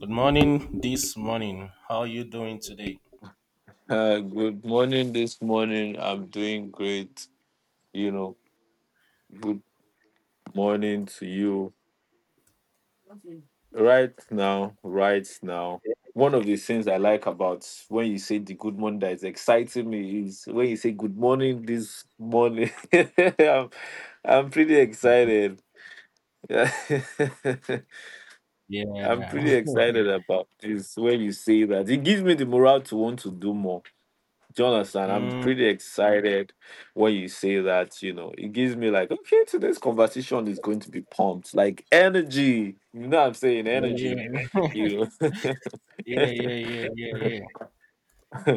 Good morning this morning. How are you doing today? Good morning this morning. I'm doing great. You know, good morning to you. Right now, right now. One of the things I like about when you say the good morning that is exciting me is when you say good morning this morning. I'm, I'm pretty excited. Yeah. I'm Yeah. pretty excited about this when you say that. It gives me the morale to want to do more. Jonathan, I'm Mm, pretty excited when you say that. You know, it gives me like, okay, today's conversation is going to be pumped, like energy. You know, what I'm saying yeah. energy. You Yeah, know, yeah, yeah, yeah, yeah.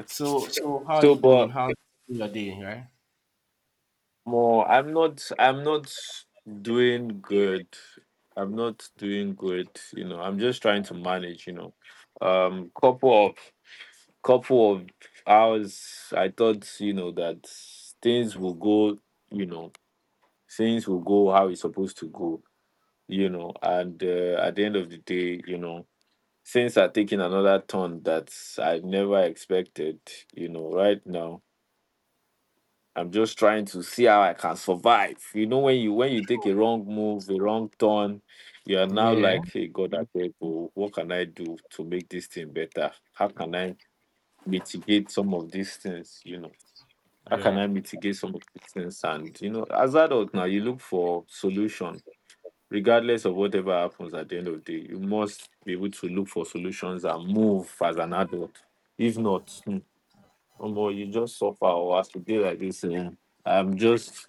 So how are so you doing? but How's your day, right? more, I'm not doing good. I'm not doing good. You know, I'm just trying to manage. You know, um, couple of couple of hours. I thought, you know, that things will go. You know, things will go how it's supposed to go, you know, and at the end of the day, you know, things are taking another turn that I never expected. You know, right now, I'm just trying to see how I can survive, you know, when you take a wrong move, a wrong turn, you are now Yeah. like, hey God, I beg oh, what can I do to make this thing better? How can I mitigate some of these things, you know? How can Yeah. I mitigate some of these things? And, you know, as adults now, you look for solution regardless of whatever happens. At the end of the day, you must be able to look for solutions and move as an adult. If not, hmm, omo, you just suffer or as you day like this. Eh, I'm just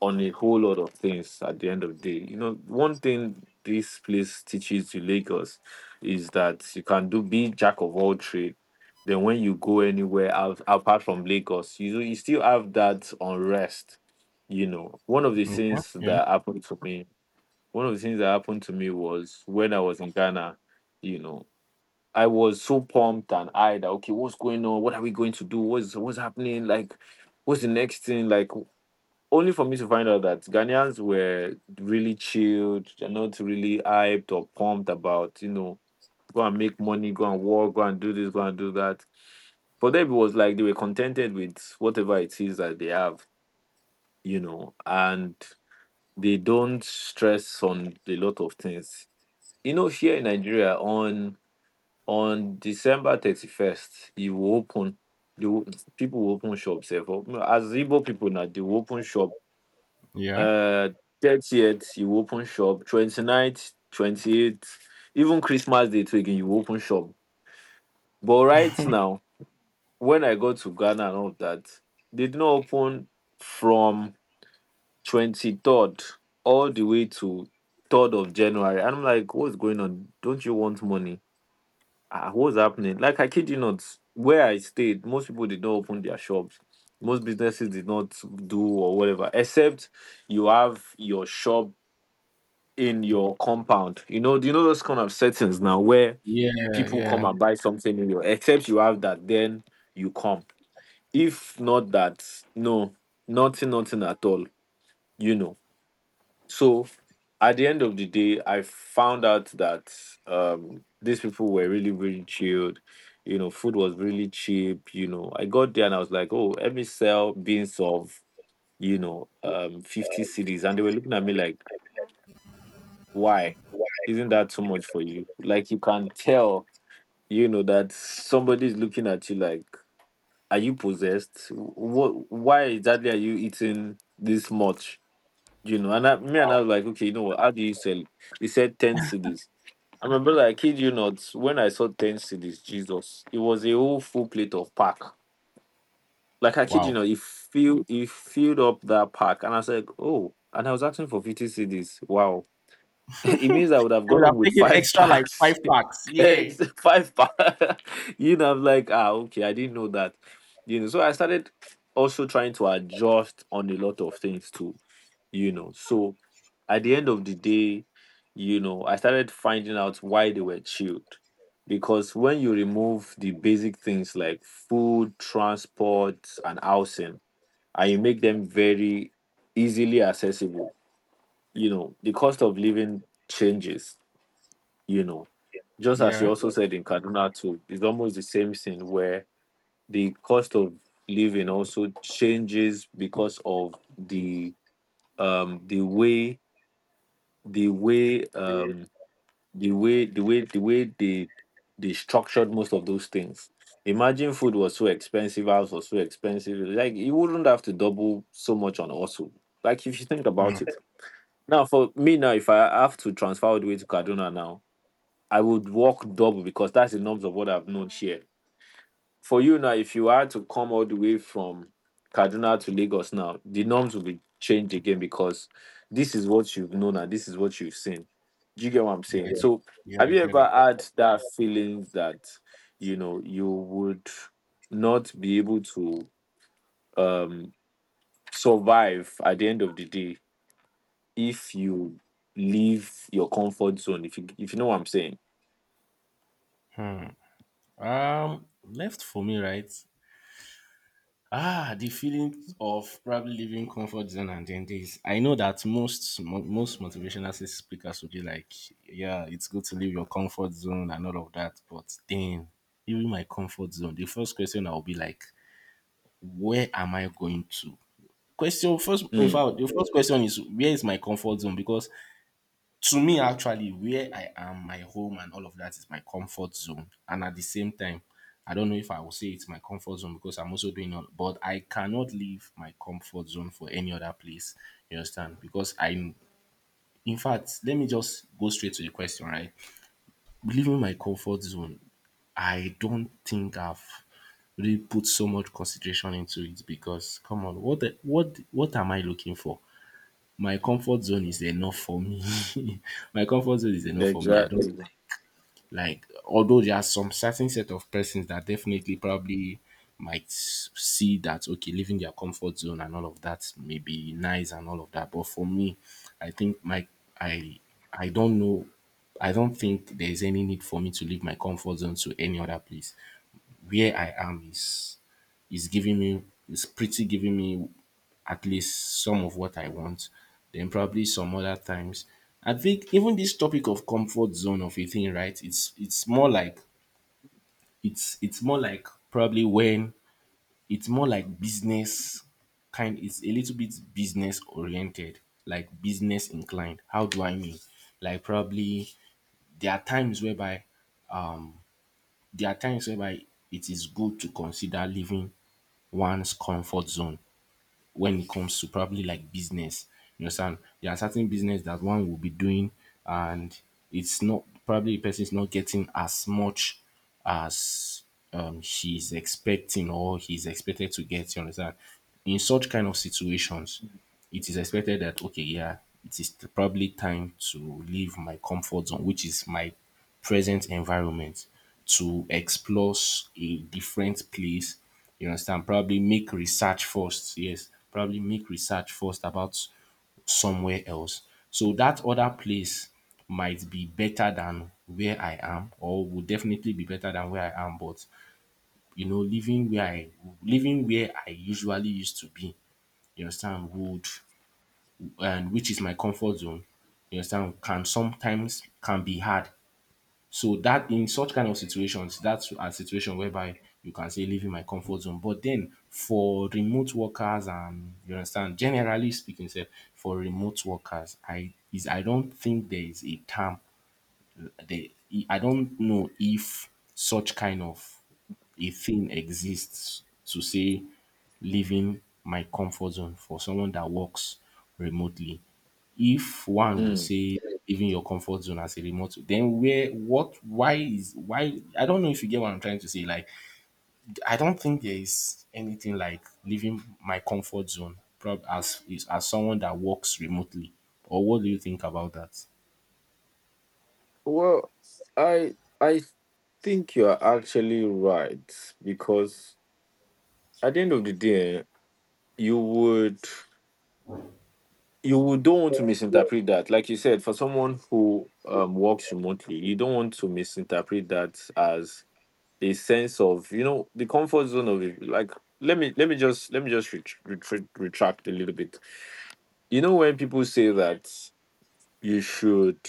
on a whole lot of things at the end of the day. You know, one thing this place teaches you, Lagos, is that you can do be jack of all trade. Then when you go anywhere out, apart from Lagos, you still have that unrest. You know, Okay. Yeah. One of the things that happened to me was when I was in Ghana, you know, I was so pumped and eyed that, okay, what's going on? What are we going to do? What's happening? Like, what's the next thing? Like, only for me to find out that Ghanaians were really chilled. They're not really hyped or pumped about, you know, go and make money, go and work, go and do this, go and do that. For them, it was like they were contented with whatever it is that they have, you know, and they don't stress on a lot of things. You know, here in Nigeria, on December 31st, you will open. The wo- People will open shops. Eh, for- As Igbo people now, they will open shop. Yeah. Uh, 30th you will open shop. Twenty ninth, 28th, even Christmas Day too again, you will open shop. But right now, when I go to Ghana and all of that, they did not open from 23rd all the way to 3rd of January. And I'm like, what's going on? Don't you want money? Ah, what's happening? Like, I kid you not, where I stayed, most people did not open their shops. Most businesses did not do or whatever, except you have your shop in your compound. You know, do you know those kind of settings now where Yeah. people come Yeah. and buy something in your, except you have that, then you come. If not that, no, nothing, nothing at all. You know. So, at the end of the day, I found out that, these people were really, really chilled. You know, food was really cheap. You know, I got there and I was like, oh, let me sell beans of, you know, 50 cities. And they were looking at me like, why? Isn't that too much for you? Like, you can tell, you know, that somebody's looking at you like, are you possessed? What, why exactly are you eating this much? You know, and I, me and I was like, okay, you know what? How do you sell it? He said 10 CDs. I remember, like, kid you not, when I saw 10 CDs, Jesus, it was a whole full plate of pack. Like, I kid you Wow. not, it filled up that pack. And I said, oh, and I was asking for 50 CDs. Wow. It means I would have You gone would have home with taken five extra like five packs. packs. Yeah. Five packs. You know, I'm like, ah, okay, I didn't know that. You know, so I started also trying to adjust on a lot of things too, you know. So at the end of the day, you know, I started finding out why they were chilled, because when you remove the basic things like food, transport and housing, and you make them very easily accessible, you know, the cost of living changes, you know. Just as you Yeah. also said, in Kaduna too, it's almost the same thing, where the cost of living also changes because of the way, the way um the way they structured most of those things. Imagine food was so expensive, house was so expensive. Like, you wouldn't have to double so much on also. Like, if you think Mm, about it. Now for me now, if I have to transfer all the way to Kaduna now, I would walk double because that's the norms of what I've known here. For you now, if you are to come all the way from Kaduna to Lagos now, the norms will be changed again because this is what you've known and this is what you've seen. Do you get what I'm saying? yeah. So, Yeah, have I you get it. ever had that feeling that, you know, you would not be able to, um, survive at the end of the day if you leave your comfort zone? If you, if you know what I'm saying? Left for me, right? Ah, the feeling of probably leaving comfort zone and then this. I know that most motivational speakers will be like, "Yeah, it's good to leave your comfort zone and all of that," but then leaving my comfort zone, the first question I will be like, "Where am I going to?" Question first. In Mm, fact, the first question is, "Where is my comfort zone?" Because to me actually where I am, my home and all of that is my comfort zone. And at the same time, I don't know if I will say it's my comfort zone because I'm also doing all but I cannot leave my comfort zone for any other place, you understand? Because I'm in fact let me just go straight to the question, right? Leaving my comfort zone, I don't think I've really put so much consideration into it because come on, what the, what am I looking for? My comfort zone is enough for me. My comfort zone is enough for me. I don't exactly. think, like, although there are some certain set of persons that definitely probably see that, okay, leaving their comfort zone and all of that may be nice and all of that. But for me, I think my, I I don't know, I don't think there is any need for me to leave my comfort zone to any other place. Where I am is giving me is pretty giving me at least some of what I want. Then probably some other times. I think even this topic of comfort zone of a thing, right? It's more like, it's more like probably when, it's more like business kind, it's a little bit business oriented, like business inclined. How do I mean? Like probably there are times whereby there are times whereby it is good to consider leaving one's comfort zone when it comes to probably like business. You understand? There are certain business that one will be doing and it's not, probably the person is not getting as much as, um, she's expecting or he's expected to get, you understand? In such kind of situations, it is expected that, okay, yeah, it is probably time to leave my comfort zone, which is my present environment, to a different place. You understand? Probably make research first. Yes, probably make research first about somewhere else. So that other place might be better than where I am, or would definitely be better than where I am. But you know, living where I usually used to be, you understand, would, and which is my comfort zone, you understand, can sometimes can be hard. So that in such kind of situations, that's a situation whereby you can say leaving my comfort zone. But then for remote workers and, you understand, generally speaking, sef, for remote workers, I don't think there is a term they, I don't know if such kind of a thing exists to say leaving my comfort zone for someone that works remotely. If one would Mm. say leaving your comfort zone as a remote, then where, what, why is why, I don't know if you get what I'm trying to say. Like I don't think there is anything like leaving my comfort zone, as is, as someone that works remotely. Or what do you think about that? Well, I think you are actually right, because at the end of the day, you would, you would don't want to misinterpret that. Like you said, for someone who, works remotely, you don't want to misinterpret that as a sense of, you know, the comfort zone of it. Like, let me just retract a little bit. You know, when people say that you should.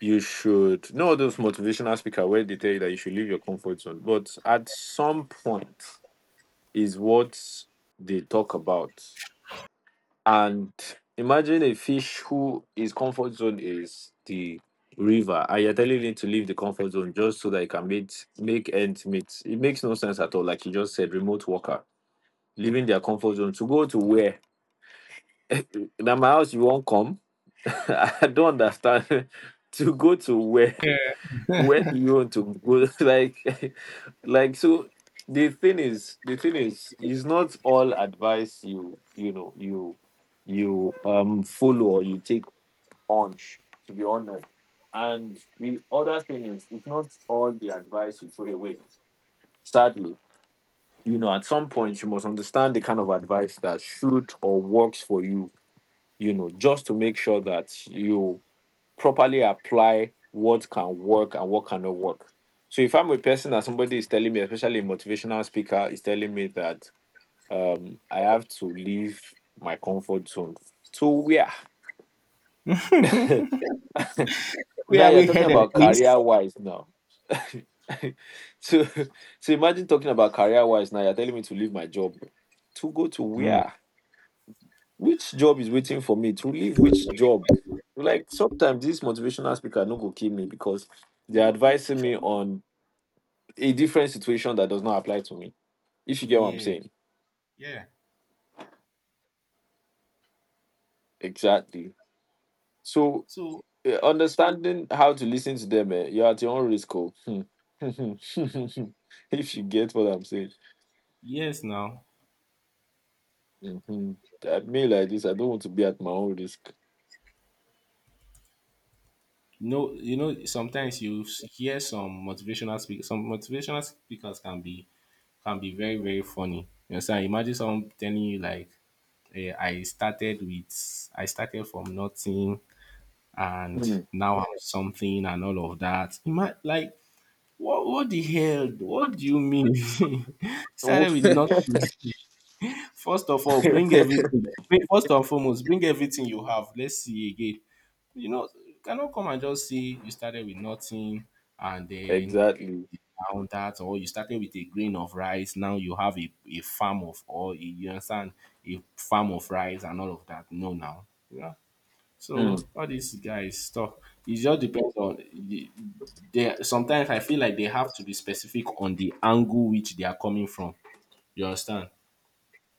You should know those motivational speaker where they tell you that you should leave your comfort zone. But at some point is what they talk about. And imagine a fish who his comfort zone is the river, and you're telling him to leave the comfort zone just so that he can meet make ends meet. It makes no sense at all. Like you just said, remote worker leaving their comfort zone to go to where? Now my house you won't come. I don't understand to go to where do you want to go? Like, like so. The thing is not all advice you, you know, you follow or you take on. To be honest, and the other thing is, it's not all the advice you throw away. Sadly, you know, at some point you must understand the kind of advice that should or works for you. You know, just to make sure that you properly apply what can work and what cannot work. So if I'm a person and somebody is telling me, especially a motivational speaker, is telling me that, I have to leave my comfort zone. To where? Where Now are you're we talking headed, about please? career wise now. so so imagine talking about career wise now. You're telling me to leave my job to go to where? Which job is waiting for me? To leave which job? Like, sometimes this motivational speaker no go kill me because You they're know, it, advising me on a different situation that does not apply to me. If you get what I'm yeah, saying, yeah. exactly. So, So eh, understanding how to listen to them, eh, you're at your own risk. Oh. Hmm. If you get what I'm saying, yes, now. hmm, I mean like this. I don't want to be at my own risk. No, you know, sometimes hear some motivational speakers. Some motivational speakers can be, can be very, very funny. You understand? Imagine someone telling you like, I started from nothing and Hmm. now I'm something and all of that." You might like, what the hell? What do you mean? Oh. Started with nothing. First of all, bring everything. First and foremost, bring everything you have. Let's see again. You know, you cannot come and just say you started with nothing and then Exactly. now that, or you started with a grain of rice, now you have a farm of, or a, you understand, a farm of rice and all of that. No, now. Yeah. Hmm. So all these guys stuff, it just depends on, sometimes I feel like they have to be specific on the angle which they are coming from. You understand?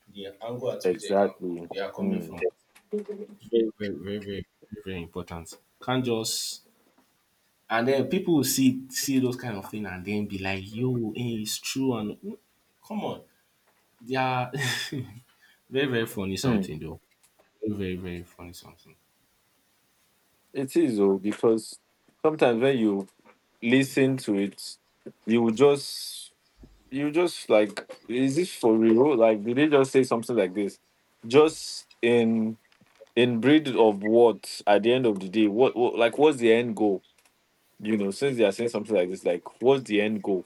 The angle at which they, can, Exactly. they are coming Hmm. from. Very, very, very, very, very, very important. Can't just, and then people will see those kind of thing and then be like, yo, eh, it's true. And mm, come on. They are, very, very funny Hmm. something though. Very, very, very funny something. It is though, because sometimes when you listen to it, you will just, you just like, is this for real? Like, did they just say something like this just in breed of what? At the end of the day, what, like what's the end goal? You know, since they are saying something like this, like what's the end goal,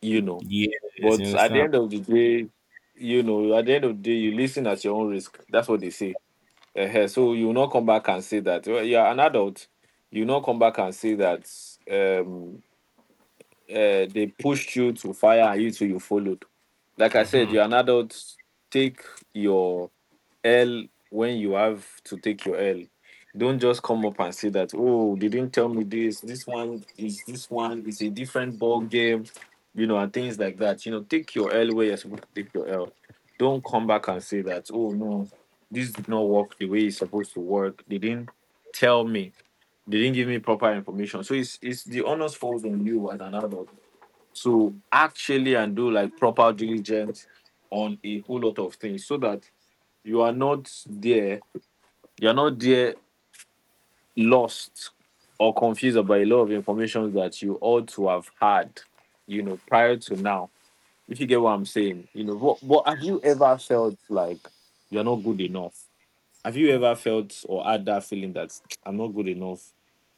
you know? Yes, you But at the understand? end of the day, you know, at the end of the day, you listen at your own risk. That's what they say. Uh, so you will not come back and say that, well, you're an adult. You will not come back and say that, Um, they pushed you to fire and you too you followed. Like I said, you're an adult. Take your L when you have to take your L. Don't just come up and say that, oh, they didn't tell me this. This one is a different ball game, you know, and things like that. You know, take your L where you're supposed to take your L. Don't come back and say that, oh no, this did not work the way it's supposed to work. They didn't tell me. They didn't give me proper information. So it's the honors falls on you as an adult to actually and do like proper diligence on a whole lot of things so that you are not there you're not there lost or confused about a lot of information that you ought to have had, you know, prior to now. If you get what I'm saying, you know, what, have you ever felt like you're not good enough? Have you ever felt or had that feeling that I'm not good enough?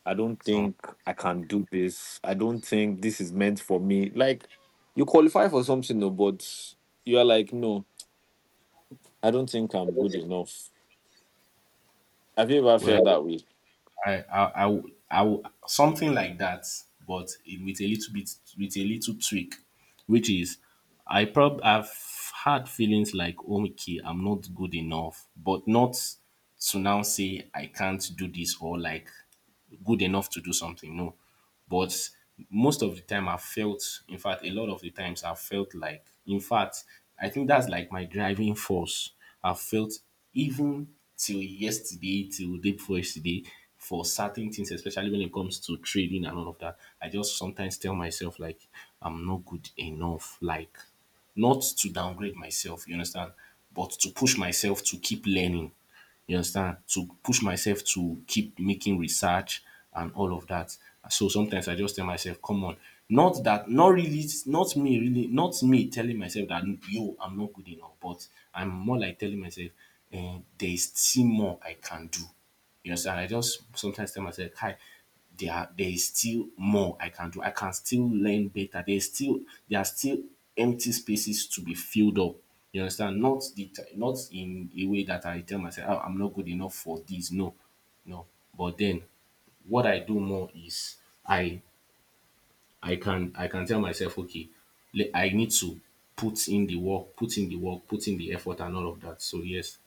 I don't Um, think I can do this. I don't think this is meant for me. Like, you qualify for something, no, but you are like, no, I don't think I'm good enough. Have you ever felt well, that way? I, would- something like that, but with a little bit, with a little tweak, which is, I've had feelings like, "Oh okay, I'm not good enough," but not to now say I can't do this, or like good enough to do something. No. But most of the time I felt, in fact, a lot of the times I felt like, in fact, I think that's like my driving force. I felt even till yesterday, till day before yesterday, for certain things, especially when it comes to trading and all of that, I just sometimes tell myself like I'm not good enough. Like, not to downgrade myself, you understand? But to push myself to keep learning. You understand? To push myself to keep making research and all of that. So sometimes I just tell myself, come on. Not that, not really, not me really, not me telling myself that, yo, I'm not good enough, but I'm more like telling myself, eh, there is still more I can do. You understand? I just sometimes tell myself, hi, there is still more I can do. I can still learn better. There's still, there are still empty spaces to be filled up. You understand? Not the ti- Not in a way that I tell myself, oh, I'm not good enough for this. No, no. But then what I do more is, I I can, I can tell myself, okay, I need to put in the work, put in the work, put in the effort and all of that. So yes,